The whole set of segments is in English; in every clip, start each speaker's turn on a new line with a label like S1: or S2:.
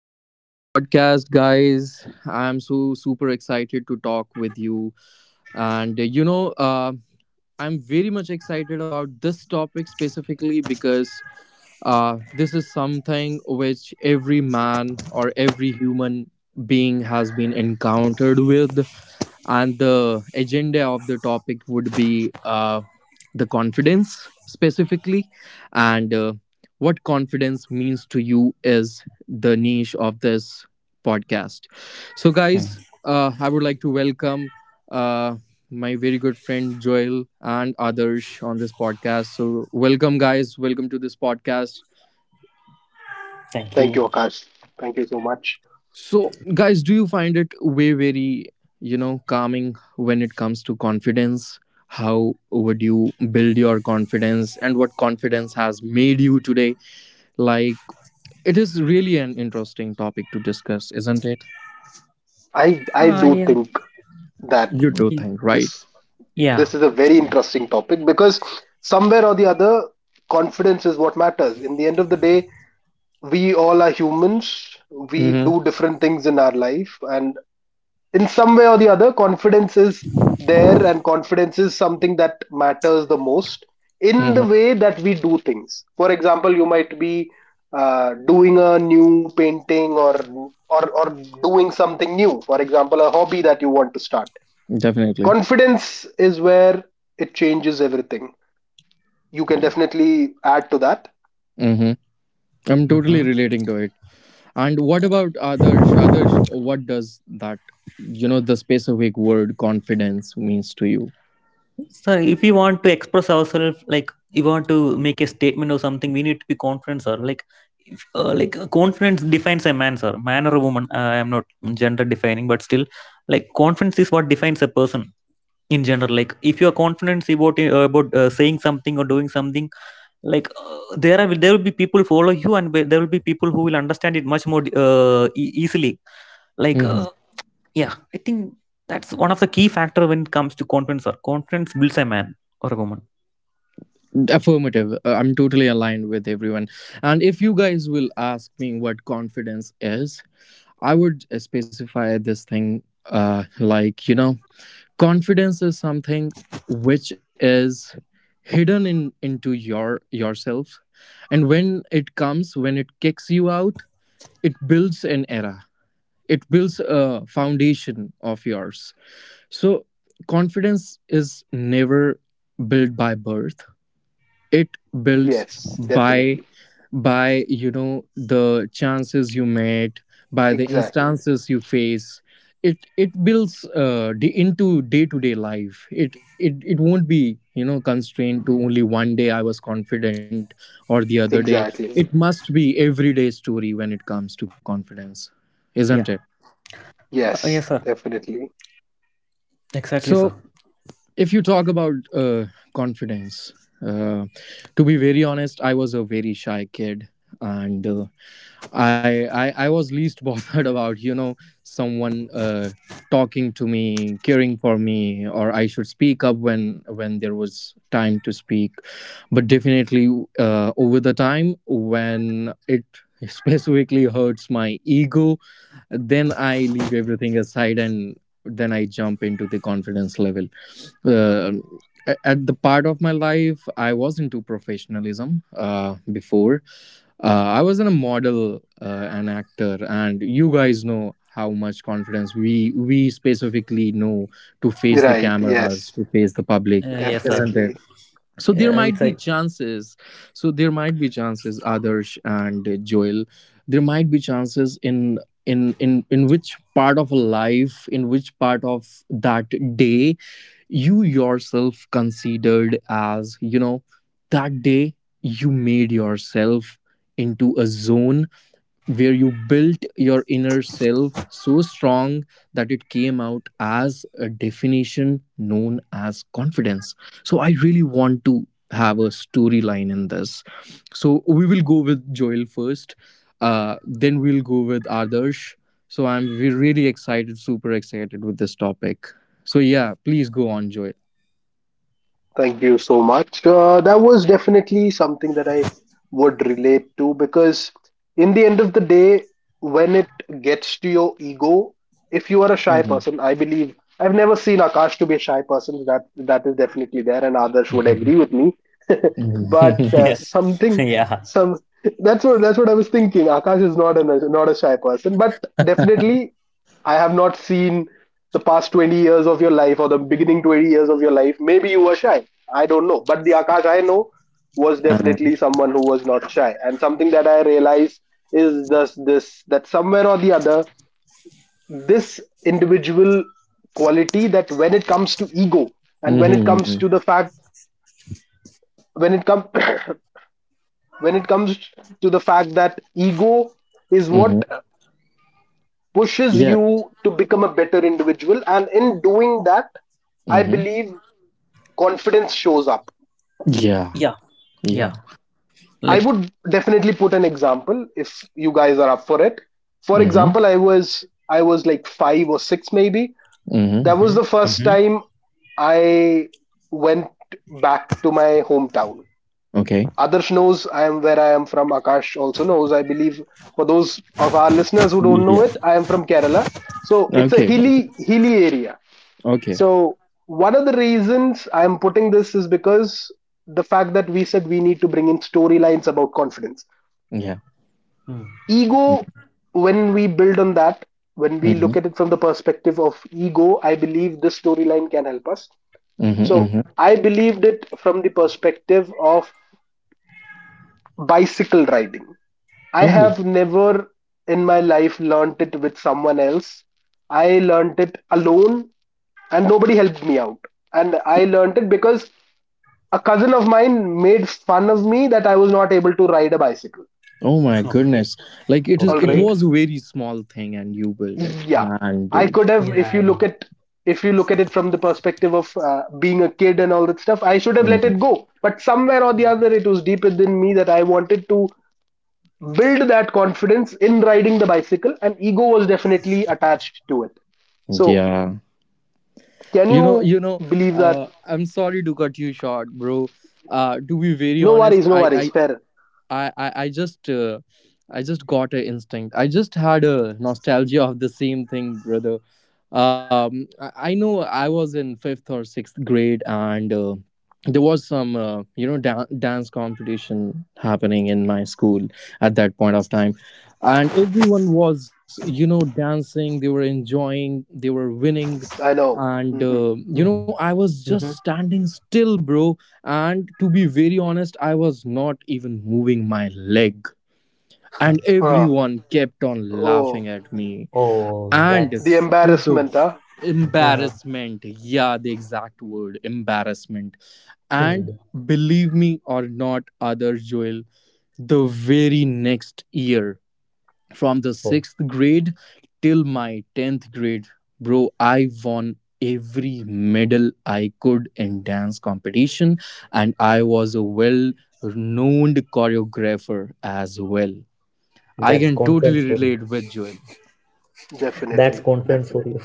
S1: to my podcast, guys. I'm so super excited to talk with you. And uh, you know, uh, I'm very much excited about this topic specifically because this is something which every man or every human being has been encountered with, and the agenda of the topic would be the confidence specifically, and what confidence means to you is the niche of this podcast. So
S2: Mm.
S1: guys, I would like to welcome uh, my very good friend Joel and others on this podcast. So welcome guys, welcome to this podcast.
S2: Thank
S3: Thank you,
S2: you.
S3: Akash. Thank you so much.
S1: So, guys, do you find it way very, calming when it comes to confidence? How would you build your confidence and what confidence has made you today? Like, it is really an interesting topic to discuss, isn't it?
S3: I
S2: Ah,
S3: do
S2: yeah.
S3: think that
S1: You do think, right?
S3: this
S2: Yeah.
S3: this is a very interesting topic because somewhere or the other, confidence is what matters. In the end of the day, we all are humans. We
S1: Mm-hmm.
S3: do different things in our life, and in some way or the other, confidence is there, and confidence is something that matters the most in the
S1: Mm-hmm.
S3: way that we do things. For example, you might be doing a new painting or or doing something new. For example, a hobby that you want to start.
S1: Definitely.
S3: Confidence is where it changes everything. You can definitely add to that.
S1: Mm-hmm. I'm totally
S2: Mm-hmm.
S1: relating to it. And what about Adarsh? Adarsh, what does that, the specific word confidence means to you?
S2: So if you want to express ourselves, like you want to make a statement or something, we need to be confident, sir. Like, if, like confidence defines a man, sir. Man or a woman. I am not gender defining, but still, like confidence is what defines a person in general. Like, if you are confident about saying something or doing something, there are there will be people follow you, and there will be people who will understand it much more easily like
S1: Mm-hmm.
S2: uh, Yeah, I think that's one of the key factor when it comes to confidence, sir. Confidence builds a man or a woman.
S1: Affirmative. I'm totally aligned with everyone, and if you guys will ask me what confidence is, I would specify this thing. uh like you know, confidence is something which is hidden in into your yourself, and when it comes, when it kicks you out, it builds an era, it builds a foundation of yours. So confidence is never built by birth. It builds
S3: Yes,
S1: by
S3: definitely.
S1: you know, the chances you met, by the
S3: Exactly.
S1: instances you face. It builds into day to day life. It won't be, you know, constrained to only one day I was confident or the other day. It
S3: Exactly.
S1: must be everyday story when it comes to confidence, isn't it?
S2: Yeah. Uh,
S3: Yes,
S2: yes, sir.
S3: definitely.
S1: So
S2: Exactly, sir.
S1: if you talk about confidence, uh, to be very honest, I was a very shy kid, and I was least bothered about, you know, someone talking to me, caring for me, or I should speak up when there was time to speak. But definitely, over the time when it specifically hurts my ego, then I leave everything aside and then I jump into the confidence level. Uh, at the part of my life, I was into professionalism before. uh, I wasn't a model, an actor, and you guys know how much confidence we specifically know to face the
S3: Right.
S1: cameras, to
S3: Yes,
S1: face the public,
S2: Yes, sir.
S1: isn't it?
S3: definitely.
S1: So there
S2: It's
S1: might be
S2: a
S1: chances. So there might be chances, Adarsh and Joel. There might be chances in in which part of life, in which part of that day you yourself considered as, you know, that day you made yourself into a zone where you built your inner self so strong that it came out as a definition known as confidence. So I really want to have a storyline in this. So we will go with Joel first, then we'll go with Adarsh. So I'm we really excited, super excited with this topic. So yeah, please go on, Joel.
S3: Thank you so much. That was definitely something that I would relate to because, in the end of the day, when it gets to your ego, if you are a shy
S1: Mhm.
S3: person, I believe I've never seen Akash to be a shy person. That is definitely there, and others would
S1: Mhm.
S3: agree with me. but
S1: Mhm.
S2: yes.
S3: something,
S2: Yeah,
S3: some that's what I was thinking. Akash is not a shy person, but definitely I have not seen the past 20 years of your life or the beginning 20 years of your life. Maybe you were shy. I don't know. But the Akash I know was
S1: Uh,
S3: definitely someone who was not shy. And something that I realized is this, that somewhere or the other, this individual quality that when it comes to ego and when it comes
S1: mhm.
S3: to the fact when it comes when it comes to the fact that ego is what
S1: Mhm.
S3: pushes
S1: Yeah.
S3: you to become a better individual. And in doing that, I
S1: Mhm.
S3: believe confidence shows up.
S1: Yeah.
S2: yeah, yeah,
S3: I
S2: like
S3: would definitely put an example if you guys are up for it. For
S1: Yeah.
S3: example, I was like five or six maybe.
S1: Mm-hmm.
S3: That was
S2: mm-hmm.
S3: the first
S2: Mm-hmm.
S3: time I went back to my hometown.
S1: Okay.
S3: Adarsh knows I am where I am from. Akash also knows. I believe for those of our listeners who don't know
S1: Yeah.
S3: it, I am from Kerala. So it's a
S1: Okay. Okay.
S3: hilly area.
S1: Okay.
S3: So one of the reasons I'm putting this is because the fact that we said we need to bring in storylines about confidence.
S1: Yeah.
S2: Mm,
S3: Ego,
S1: Mm-hmm.
S3: when we build on that, when we
S1: Mm-hmm.
S3: look at it from the perspective of ego, I believe this storyline can help us. So
S1: Mm-hmm.
S3: I believed it from the perspective of bicycle riding. I
S1: Oh.
S3: have never in my life learned it with someone else. I learned it alone and nobody helped me out. And I learned it because a cousin of mine made fun of me that I was not able to ride a bicycle.
S1: Oh my
S2: okay,
S1: goodness. Like it is.
S3: All
S1: It
S3: right.
S2: okay.
S1: was a very small thing, and you built it,
S3: Yeah.
S1: man,
S3: I
S1: dude.
S3: could have
S2: Yeah,
S3: if you
S2: yeah.
S3: look at if you look at it from the perspective of being a kid and all that stuff, I should have let it
S1: Hmm.
S3: go. But somewhere or the other it was deep within me that I wanted to build that confidence in riding the bicycle and ego was definitely attached to it. So,
S1: Yeah.
S3: can
S1: You
S3: you
S1: know. You know.
S3: believe that?
S1: I'm sorry to cut you short, bro. To be very
S3: No
S1: honest,
S3: worries, no
S1: I
S3: worries.
S1: I
S3: Fair.
S1: I I, I just I just got a instinct. I just had a nostalgia of the same thing, brother. I know I was in fifth or sixth grade, and there was some you know, dance competition happening in my school at that point of time, and everyone was, you know, dancing. They were enjoying. They were winning,
S3: I know.
S1: and you
S2: Mm,
S1: know, I was just
S2: mm-hmm.
S1: standing still, bro, and to be very honest, I was not even moving my leg. And
S2: Huh.
S3: Ah,
S1: everyone kept on
S3: oh,
S1: laughing at me.
S2: oh
S1: And
S3: the
S2: that's
S1: to the
S3: embarrassment, huh?
S2: uh,
S1: embarrassment, yeah, the exact word embarrassment. And
S2: hmm.
S1: believe me or not, other Joel, the very next year, from the
S2: oh
S1: sixth grade till my 10th grade, bro, I won every medal I could in dance competition, and I was a well renowned choreographer as well. I
S2: that's
S1: can totally
S2: conference for you.
S1: relate with Joel.
S2: That's
S3: Definitely,
S2: conference for
S3: definitely,
S2: you.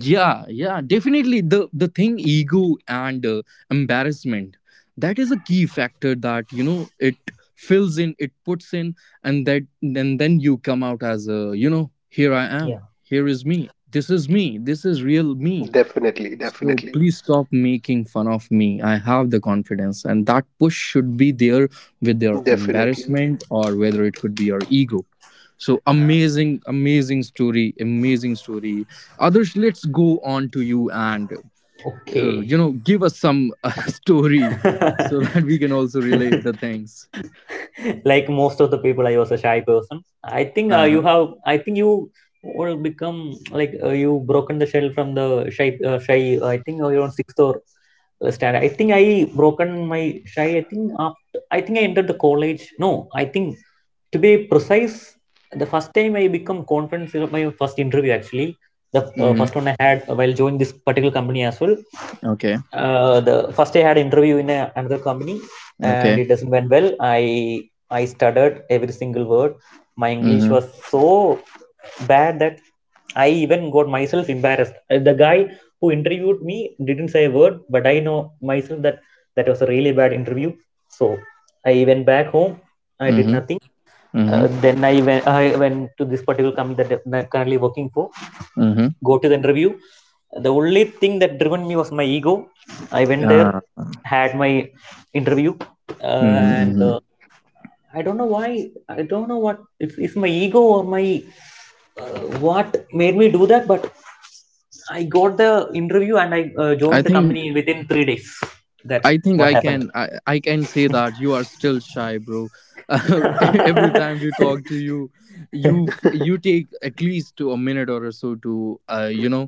S1: Yeah, yeah, definitely, the thing ego and embarrassment, that is a key factor that, you know, it fills in, it puts in, and that then you come out as a, you know, here I
S2: Yeah.
S1: am, here is me, this is me, this is real me.
S3: definitely,
S1: So
S3: definitely,
S1: please stop making fun of me. I have the confidence, and that push should be there with your
S3: definitely.
S1: embarrassment or whether it could be your ego. So
S2: uh,
S1: amazing, amazing story, amazing story. Others, let's go on to you and you
S2: okay.
S1: know, give us some story so that we can also relate the things.
S2: Like, most of the people, I was a shy person. I think
S1: Uh
S2: you
S1: huh.
S2: have I think you will become, like, you broken the shell from the shy shy I think around sixth or standard. I think I broken my shy. I think after, I think I entered the college, no, I think, to be precise, the first time I become confident in my first interview, actually. The first
S1: Mm-hmm.
S2: one I had while joining this particular company as well.
S1: Okay.
S2: The first I had interview in another company, and it
S1: Okay.
S2: doesn't went well. I stuttered every single word. My English was
S1: Mm-hmm.
S2: so bad that I even got myself embarrassed. The guy who interviewed me didn't say a word, but I know myself that that was a really bad interview. So I went back home. I did
S1: Mm-hmm.
S2: nothing. Uh,
S1: Mm-hmm.
S2: then I went to this particular company that I'm currently working for,
S1: Mm-hmm.
S2: go to the interview. The only thing that driven me was my ego. I went there,
S1: Yeah.
S2: had my interview, uh,
S1: Mm-hmm.
S2: and
S1: Mm-hmm.
S2: uh, I don't know why. I don't know what it's, my ego or my uh, what made me do that, but I
S1: Mm-hmm.
S2: got the interview and I
S1: I
S2: joined the
S1: think
S2: company within 3 days. That's
S1: I think I
S2: what happened.
S1: can, I can say that you are still shy, bro. Uh, every time we talk to you, you you take at least to a minute or so to you know,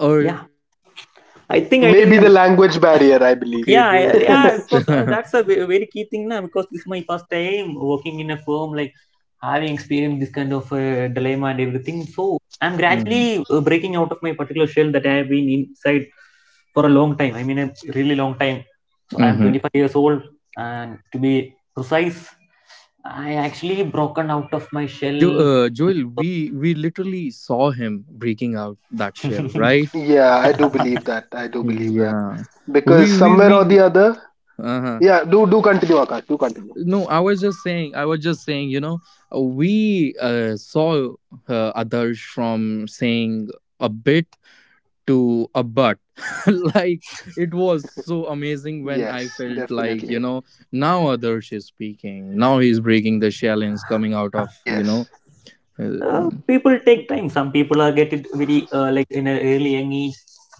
S1: urge
S2: Yeah,
S1: out to tell out, you
S2: I
S1: know,
S2: think I
S1: hey
S3: Maybe the
S2: didn't.
S1: bro, I'm
S3: language barrier, I
S1: listening,
S3: believe.
S1: okay dude,
S2: Yeah,
S1: please.
S2: because that's a very key thing now, because this is my first time working in a firm, like, having experienced this kind of dilemma and everything, so I'm
S1: Hmm.
S2: gradually breaking out of my particular shell that I have been inside for a long time, I mean a really long time. So I'm
S1: Hmm.
S2: 25 years old, and to be precise, I actually
S1: Yeah, and
S2: broken
S1: and
S2: out
S1: and
S2: of my shell.
S1: jo- uh, Joel, we literally saw him breaking out that shell, right?
S3: Yeah, I do believe that. I do believe that.
S1: Yeah,
S3: Because somewhere or
S1: we.
S3: the other,
S1: Uh-huh.
S3: yeah, do do continue, Akash, do continue.
S1: No, I was just saying, I was just saying, you know, we saw others from saying a bit to a but. Like, it was so amazing when I
S3: Yes,
S1: felt like, you
S3: definitely.
S1: know, now others is speaking. Now he's breaking the challenge, coming out of, you know.
S3: Yes,
S1: Uh,
S2: People take time. Some people are get it very like in a really young age.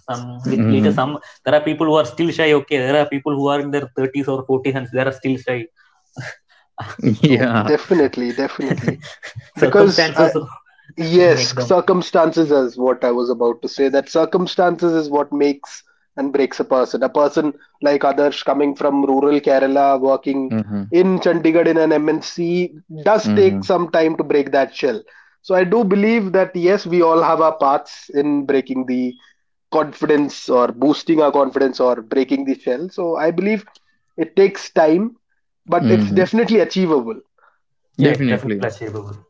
S2: Some bit later.
S1: mhm.
S2: Some There are people who are still shy. Okay, there are people who are in their thirties or forties, and they are still shy. So,
S1: Yeah.
S3: definitely, definitely. Because I,
S2: circumstances make
S3: Yes,
S2: them.
S3: circumstances is what I was about to say. That circumstances is what makes and breaks a person. A person like Adarsh coming from rural Kerala, working
S1: Hmm.
S3: in Chandigarh in an MNC, does take
S1: Hmm.
S3: some time to break that shell. So I do believe that yes, we all have our paths in breaking the confidence or boosting our confidence or breaking the shell. So I believe it takes time, but it's
S1: Hmm.
S3: definitely achievable.
S2: Yeah, it's
S1: Definitely.
S2: definitely achievable.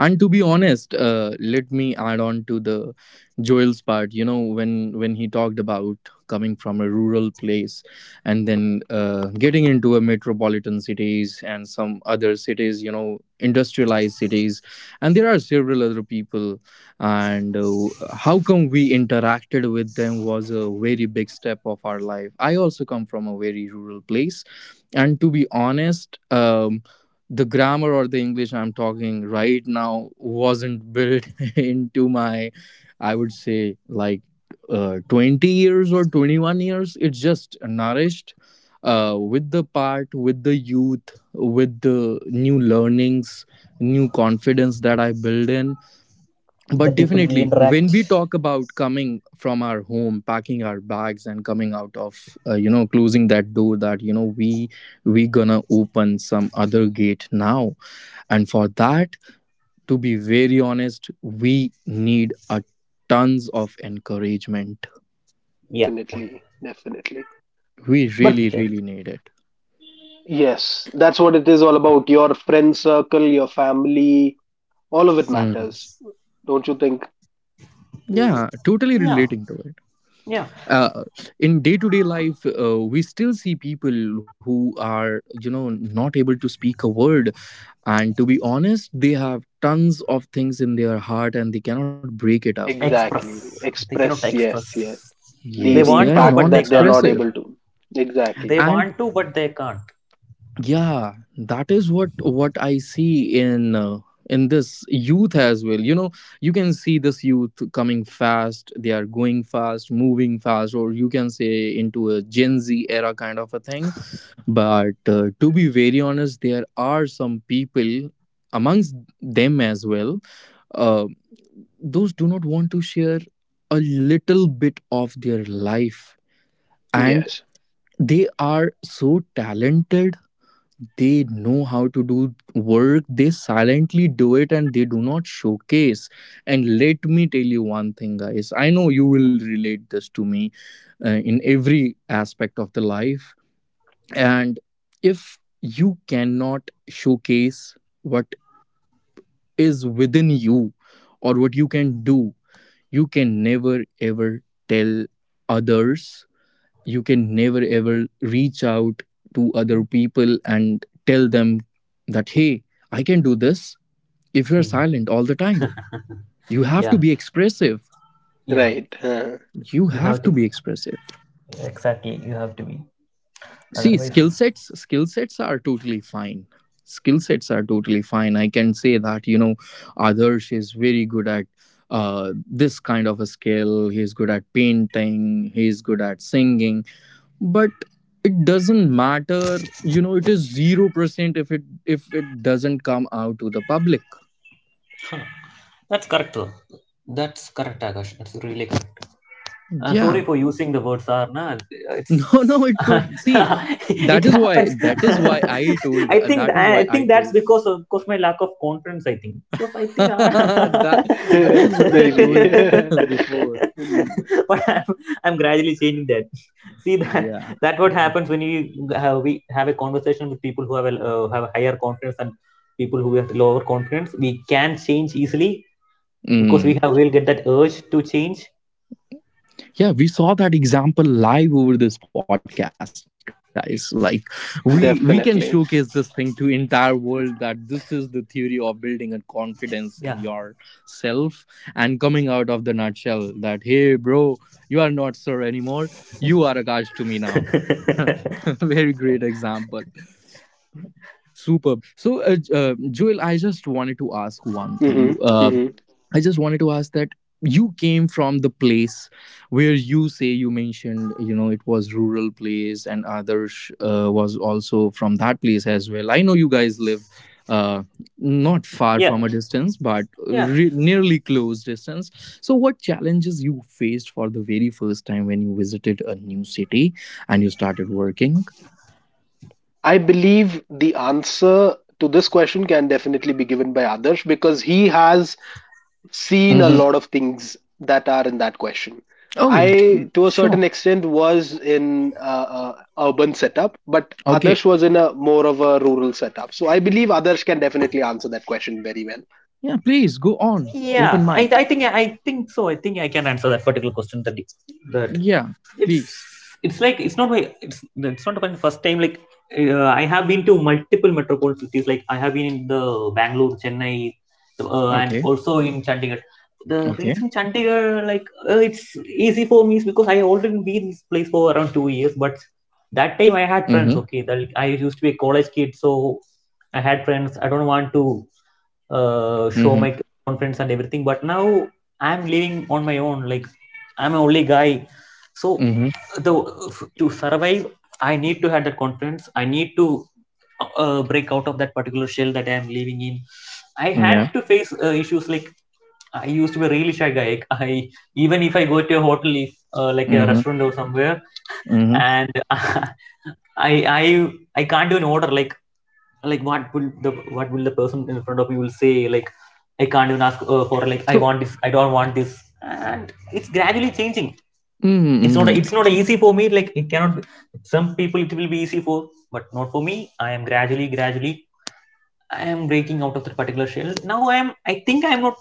S1: And to be honest, let me add on to the Joel's part, you know, when he talked about coming from a rural place and then getting into a metropolitan cities and some other cities, you know, industrialized cities, and there are several other people, and how come we interacted with them was a very big step of our life. I also come from a very rural place, and to be honest, the grammar or the English I'm talking right now wasn't built into my, I would say like, 20 years or 21 years. It's just nourished with the part, with the youth, with the new learnings, new confidence that I build in.
S2: The
S1: But
S2: people
S1: definitely
S2: we
S1: when
S2: interact.
S1: we talk about coming from our home, packing our bags, and coming out of, you know, closing that door that, you know, we gonna open some other gate now, and for that, to be very honest, we need a tons of encouragement.
S2: Yeah.
S3: Definitely, definitely.
S1: We
S3: But
S2: Okay.
S1: really really need it.
S3: yes, that's what it is all about. Your friend circle, your family, all of it
S1: Mm.
S3: matters. Don't you think?
S1: Yeah, totally
S2: Yeah.
S1: relating to it.
S2: Yeah.
S1: uh, in day-to-day life, we still see people who are, you know, not able to speak a word. And to be honest, they have tons of things in their heart and they cannot break it up.
S3: Exactly.
S2: Express. They cannot
S3: Express, yes, yes.
S2: express.
S1: Yes, they
S3: The
S2: They
S1: are
S3: the
S2: want
S1: non
S2: to,
S3: fact
S2: but they
S3: that they're
S1: expressive.
S2: can't.
S3: not able to.
S2: They
S1: And
S3: Exactly.
S2: want to, but they can't.
S1: yeah, that is what I see in this youth as well. You know, you can see this youth coming fast. They are going fast, moving fast, or you can say into a Gen Z era kind of a thing. But to be very honest, there are some people amongst them as well. Uh, those do not want to share a little bit of their life, and
S3: Yes.
S1: they are so talented. They know how to do work. They silently do it, and they do not showcase. And let me tell you one thing, guys. I know you will relate this to me in every aspect of the life, and if you cannot showcase what is within you or what you can do, you can never ever tell others. You can never ever reach out to other people and tell them that, hey, I can do this if you're
S2: Hmm.
S1: silent all the time. You have to
S2: Yeah.
S1: be expressive.
S2: Yeah.
S3: Right. Huh.
S1: You
S2: You
S1: have
S2: have
S1: to
S2: to
S1: be expressive.
S2: Exactly, you have to be.
S1: See,
S2: Otherwise,
S1: skill sets are totally fine. Skill sets are totally fine. I can say that, you know, Adarsh is very good at this kind of a skill. He's good at painting, he's good at singing. But it doesn't matter, you know, it is 0% if it doesn't come out to the public.
S2: huh. That's correct, though. That's correct, Akash. That's really correct. Sorry
S1: Yeah.
S2: for using the word sarna. It's—
S1: No, no, it would see,
S2: it happens.
S1: that is why I told,
S2: I think
S1: that is
S2: I
S1: why I
S2: think that's
S1: told
S2: because of because my lack of confidence. I think, because, I think,
S1: that,
S2: I-
S1: that is what I
S3: Maybe.
S1: told before.
S3: Mm,
S2: but I'm gradually changing that. See that
S1: Yeah.
S2: that what happens when we have a conversation with people who have a higher confidence, and people who have lower confidence. We can change easily because we
S1: Mm.
S2: have will get that urge to change.
S1: Yeah, we saw that example live over this podcast, guys. Like, we can showcase this thing to
S3: definitely.
S1: entire world that this is the theory of building a confidence in
S2: Yeah.
S1: yourself and coming out of the nutshell that hey bro, you are not sir anymore. You are Akash to me now. Very great example. Superb. So, Joel, I just wanted to ask one thing.
S3: Hmm. Hmm.
S1: I just wanted to ask that you came from the place where you say you mentioned, you know, it was rural place, and others was also from that place as well. I know you guys live uh, not far
S2: Yeah,
S1: from a distance, but
S2: yeah,
S1: nearly close distance. So, what challenges you faced for the very first time when you visited a new city and you started working?
S3: I believe the answer to this question can definitely be given by Adarsh because he has seen a
S1: Mhm.
S3: lot of things that are in that question.
S1: Oh,
S3: I, to a certain
S1: sure.
S3: extent, was in urban setup, but
S1: Okay.
S3: Adarsh was in a more of a rural setup. So I believe Adarsh can definitely answer that question very well.
S1: Yeah, please go on.
S2: yeah.
S1: Open
S2: I,
S1: mic.
S2: I think i think so. I think I can answer that particular question, that, that
S1: Yeah,
S2: it's—
S1: please.
S2: it's like, it's not my— it's not my first time, like, I have been to multiple metropolitan cities, like I have been in the Bangalore, Chennai, and
S1: Okay.
S2: also in Chandigarh. The
S1: Okay.
S2: reason Chandigarh, like, it's easy for me is because I already been in this place for around 2 years, but that time I
S1: Mm-hmm.
S2: had friends, okay, that I used to be a college kid, so I had friends. I don't want to
S1: Mm-hmm.
S2: show my confidence and everything. But now I'm living on my own. Like, I'm a only guy, so
S1: Mm-hmm.
S2: the to survive, I need to have that confidence. I need to break out of that particular shell that I am living in. I
S1: Yeah.
S2: had to face issues, like I used to be a really shy guy. Like, I— even if I go to a hotel, if, like a
S1: Mm-hmm.
S2: restaurant or somewhere,
S1: Mm-hmm.
S2: and I I can't do an order, like, what will the— what will the person in front of you will say, like, I can't even ask for, like, I
S1: So
S2: want this, I don't want this, and it's gradually changing.
S1: mm-hmm.
S2: It's not
S1: Mm-hmm.
S2: it's not easy for me, like, it cannot be- some people it will be easy for, but not for me. I am gradually gradually I am breaking out of that particular shell. Now I am, I think, I am not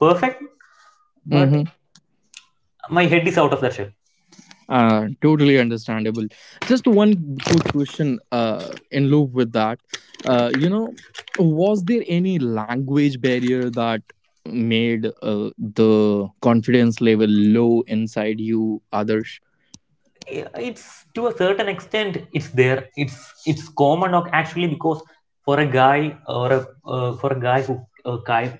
S2: perfect, but
S1: Mm-hmm.
S2: my head is out of that shell.
S1: Uh, totally understandable. Just one quick question in loop with that. Uh, you know, was there any language barrier that made the confidence level low inside you others?
S2: It's— to a certain extent, it's there. It's common, ok, actually, because for a guy or a, for a guy who uh,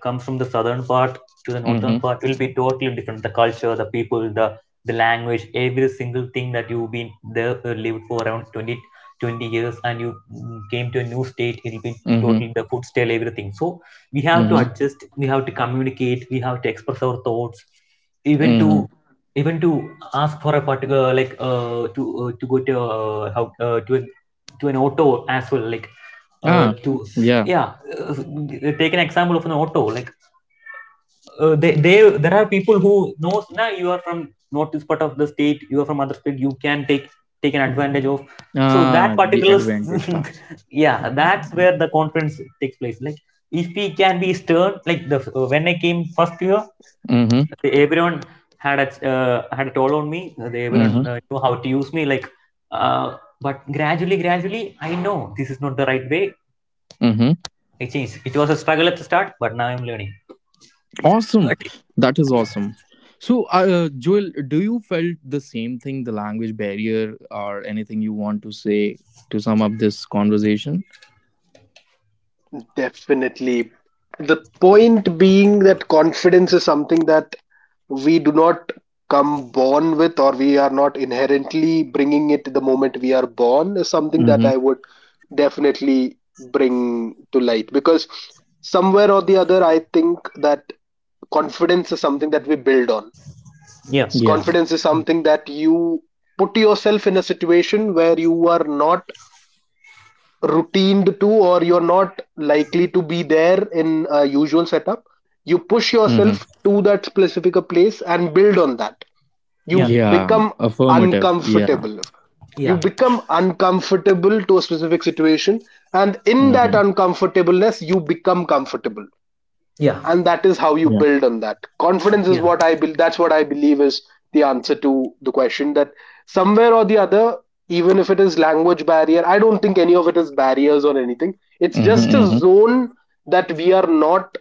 S2: comes from the southern part to the northern
S1: Mm-hmm.
S2: part, will be totally different, the culture, the people, the language, every single thing that you've been there, lived for around twenty twenty years, and you came to a new state, it'll be
S1: Mm-hmm.
S2: totally— the food style, everything. So we have to
S1: Mm-hmm.
S2: adjust, we have to communicate, we have to express our thoughts, even to
S1: Mm-hmm.
S2: even to ask for a particular, like, to go to how to an auto as well, like,
S1: Ah,
S2: to,
S1: yeah.
S2: yeah, uh, take an example of an auto, like, they there are people who knows, now you are from not this part of the state, you are from other state, you can take take an advantage of, so that
S1: Ah, the
S2: particular—
S1: advantage part.
S2: yeah, that's where the conference takes place, like, if we can be stern, like, the when I came first year,
S1: Mm-hmm.
S2: the— everyone had a, had a toll on me. The— everyone
S1: Mm-hmm.
S2: knew how to use me. Like, uh, but I know this is not the right way.
S1: Mm-hmm.
S2: I changed. It was a struggle at the start, but now I'm learning.
S1: Awesome.
S2: But
S1: That is awesome. So, Joel, do you felt the same thing, the language barrier, or anything you want to say to sum up this conversation?
S3: Definitely. The point being that confidence is something that we do not come born with or we are not inherently bringing it the moment we are born is something that
S1: Mm-hmm.
S3: I would definitely bring to light because somewhere or the other I think that confidence is something that we build on.
S2: yeah,
S1: Yeah.
S3: Confidence is something that you put yourself in a situation where you are not routined to or you're not likely to be there in a usual setup. You
S1: Mm-hmm.
S3: push yourself to that specific place and build on that. You
S2: yeah,
S1: Yeah.
S3: become
S1: Affirmative. Yeah.
S3: uncomfortable. You
S2: yeah,
S3: become uncomfortable to a specific situation, and in
S1: Mm-hmm.
S3: that uncomfortableness you become comfortable,
S2: yeah,
S3: and that is
S1: Yeah.
S3: how you build on that. Confidence is
S2: yeah,
S3: what I build. That's what I believe is the answer to the question, that somewhere or the other, even if it is language barrier, I don't think any of it is barriers or anything. It's
S1: Mm-hmm.
S3: just a
S1: Mm-hmm.
S3: zone that we are not,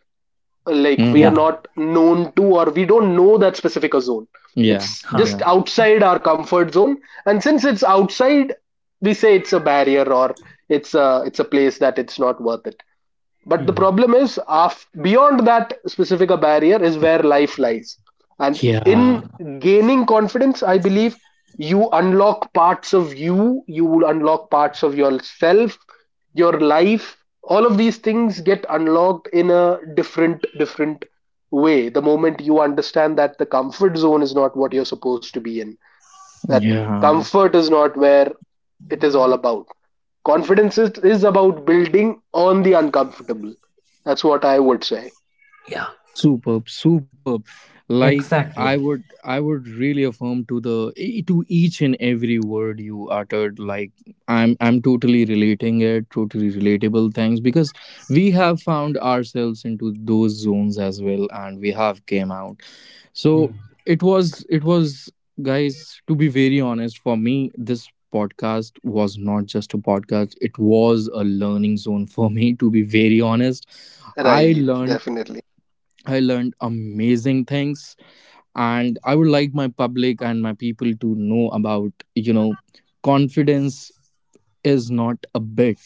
S3: like we are
S1: Mm-hmm.
S2: yeah.
S3: not known to or we don't know that specific zone.
S1: Yeah.
S3: It's
S2: Huh.
S1: Yeah.
S3: just outside our comfort zone, and since it's outside, we say it's a barrier or it's a place that it's not worth it. But the
S2: Hmm.
S3: problem is, beyond that specific a barrier is where life lies. And in
S1: Yeah.
S3: gaining confidence, I believe you unlock parts of you, you will unlock parts of yourself, your life. All of these things get unlocked in a different way the moment you understand that the comfort zone is not what you're supposed to be in, that
S1: Yeah.
S3: comfort is not where it is all about. Confidence is about building on the uncomfortable. That's what I would say.
S2: Yeah,
S1: Superb, superb. Like, i
S2: exactly.
S1: would i would really affirm to the to each and every word you uttered. Like, I'm totally relating it, totally relatable things, because we have found ourselves into those zones as well and we have came out. So
S2: Hmm.
S1: it was, it was, guys, to be very honest, for me this podcast was not just a podcast, it was a learning zone for me, to be very honest. I
S3: Right,
S1: learned,
S3: definitely.
S1: I learned amazing things, and I would like my public and my people to know about, you know, confidence is not a bit.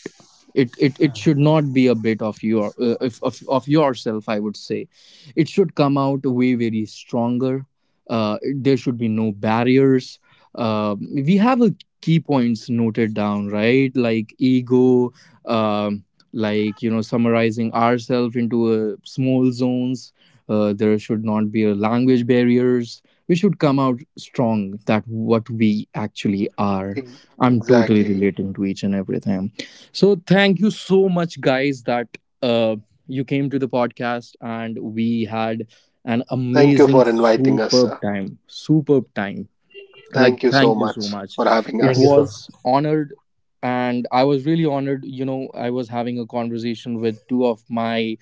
S1: It should not be a bit of your of yourself, I would say. It should come out way very stronger. uh, there should be no barriers. We have a key points noted down, right, like ego, um, like, you know, summarizing ourselves into small zones. There should not be a language barriers. We should come out strong that what we actually are. I'm totally
S3: Exactly.
S1: relating to each and everything. So thank you so much, guys, that uh, you came to the podcast and we had an
S3: Thank you
S1: amazing,
S3: for inviting us,
S1: superb
S3: sir.
S1: time. Superb time. Like,
S3: Thank you so
S1: thank you so
S3: much
S1: much.
S3: for having
S1: It
S2: Thank you,
S3: us.
S2: sir.
S1: was honored, and I was really honored, you know. I was having a conversation with two of my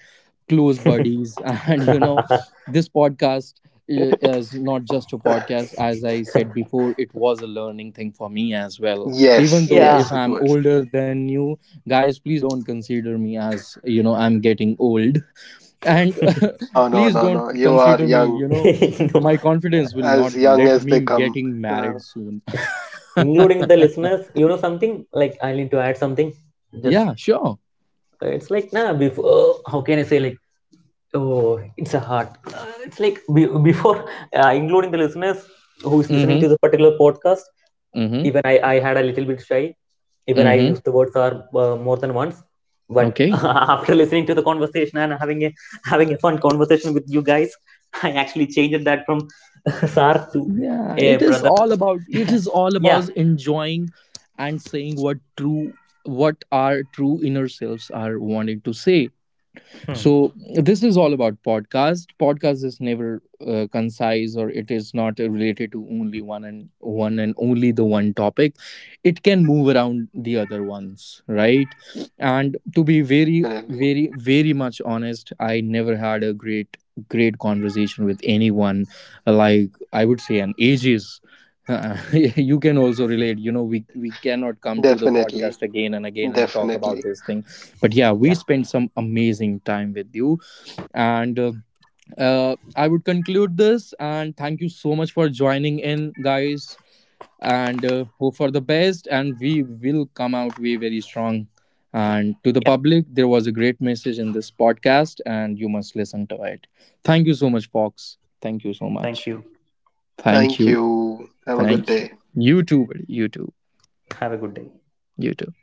S1: close buddies and, you know, this podcast is not just a podcast, as I said before, it was a learning thing for me as well, even
S3: Yes,
S1: though
S2: Yeah.
S1: if
S3: yes, it
S1: I'm
S3: was.
S1: older than you. Guys, please don't consider me as, you know, I'm getting old. And
S3: No, no,
S1: please
S3: no,
S1: don't
S3: no. You are
S1: consider me, you know,
S2: No.
S1: my confidence will not
S3: young
S1: let
S3: as
S1: me
S3: they come.
S1: getting
S3: Uh,
S1: married soon.
S2: Including the listeners, you know something? Like, I need to add something. Just,
S1: Yeah, sure.
S2: it's like, nah, before, how can I say, like, oh, it's a hard. Uh, it's like before, including the listeners who is listening
S1: Mhm.
S2: to this particular podcast.
S1: Mhm.
S2: Even I had a little bit shy. Even I
S1: Mhm.
S2: used the word "sir" more than once. But
S1: Okay.
S2: after listening to the conversation and having a fun conversation with you guys, I actually changed that from "sir" to
S1: Yeah,
S2: a
S1: it is
S2: brother.
S1: all about, it is all
S2: Yeah.
S1: about enjoying and saying what true, what our true inner selves are wanting to say.
S2: Hmm.
S1: So this is all about podcast. Podcast is never concise, or it is not related to only one and one and only the one topic. It can move around the other ones, right? And to be very,
S3: definitely,
S1: very, very much honest, I never had a great, great conversation with anyone, like, I would say, an ages. You can also relate, you know, we we cannot come to the
S3: definitely,
S1: podcast again and again and talk about
S3: definitely.
S1: this thing. But yeah,
S2: Yeah.
S1: we spent some amazing time with you and I would conclude this and thank you so much for joining in, guys. And hope for the best, and we will come out way very strong. And to the
S2: Yeah.
S1: public, there was a great message in this podcast and you must listen to it. Thank you so much, fox. Thank you so
S2: Thank
S1: much.
S2: you.
S1: Thank
S3: Thank
S1: you.
S3: you. Have a good
S1: Thank you.
S3: day.
S1: You too, buddy. You too.
S2: Have a good day.
S1: You too.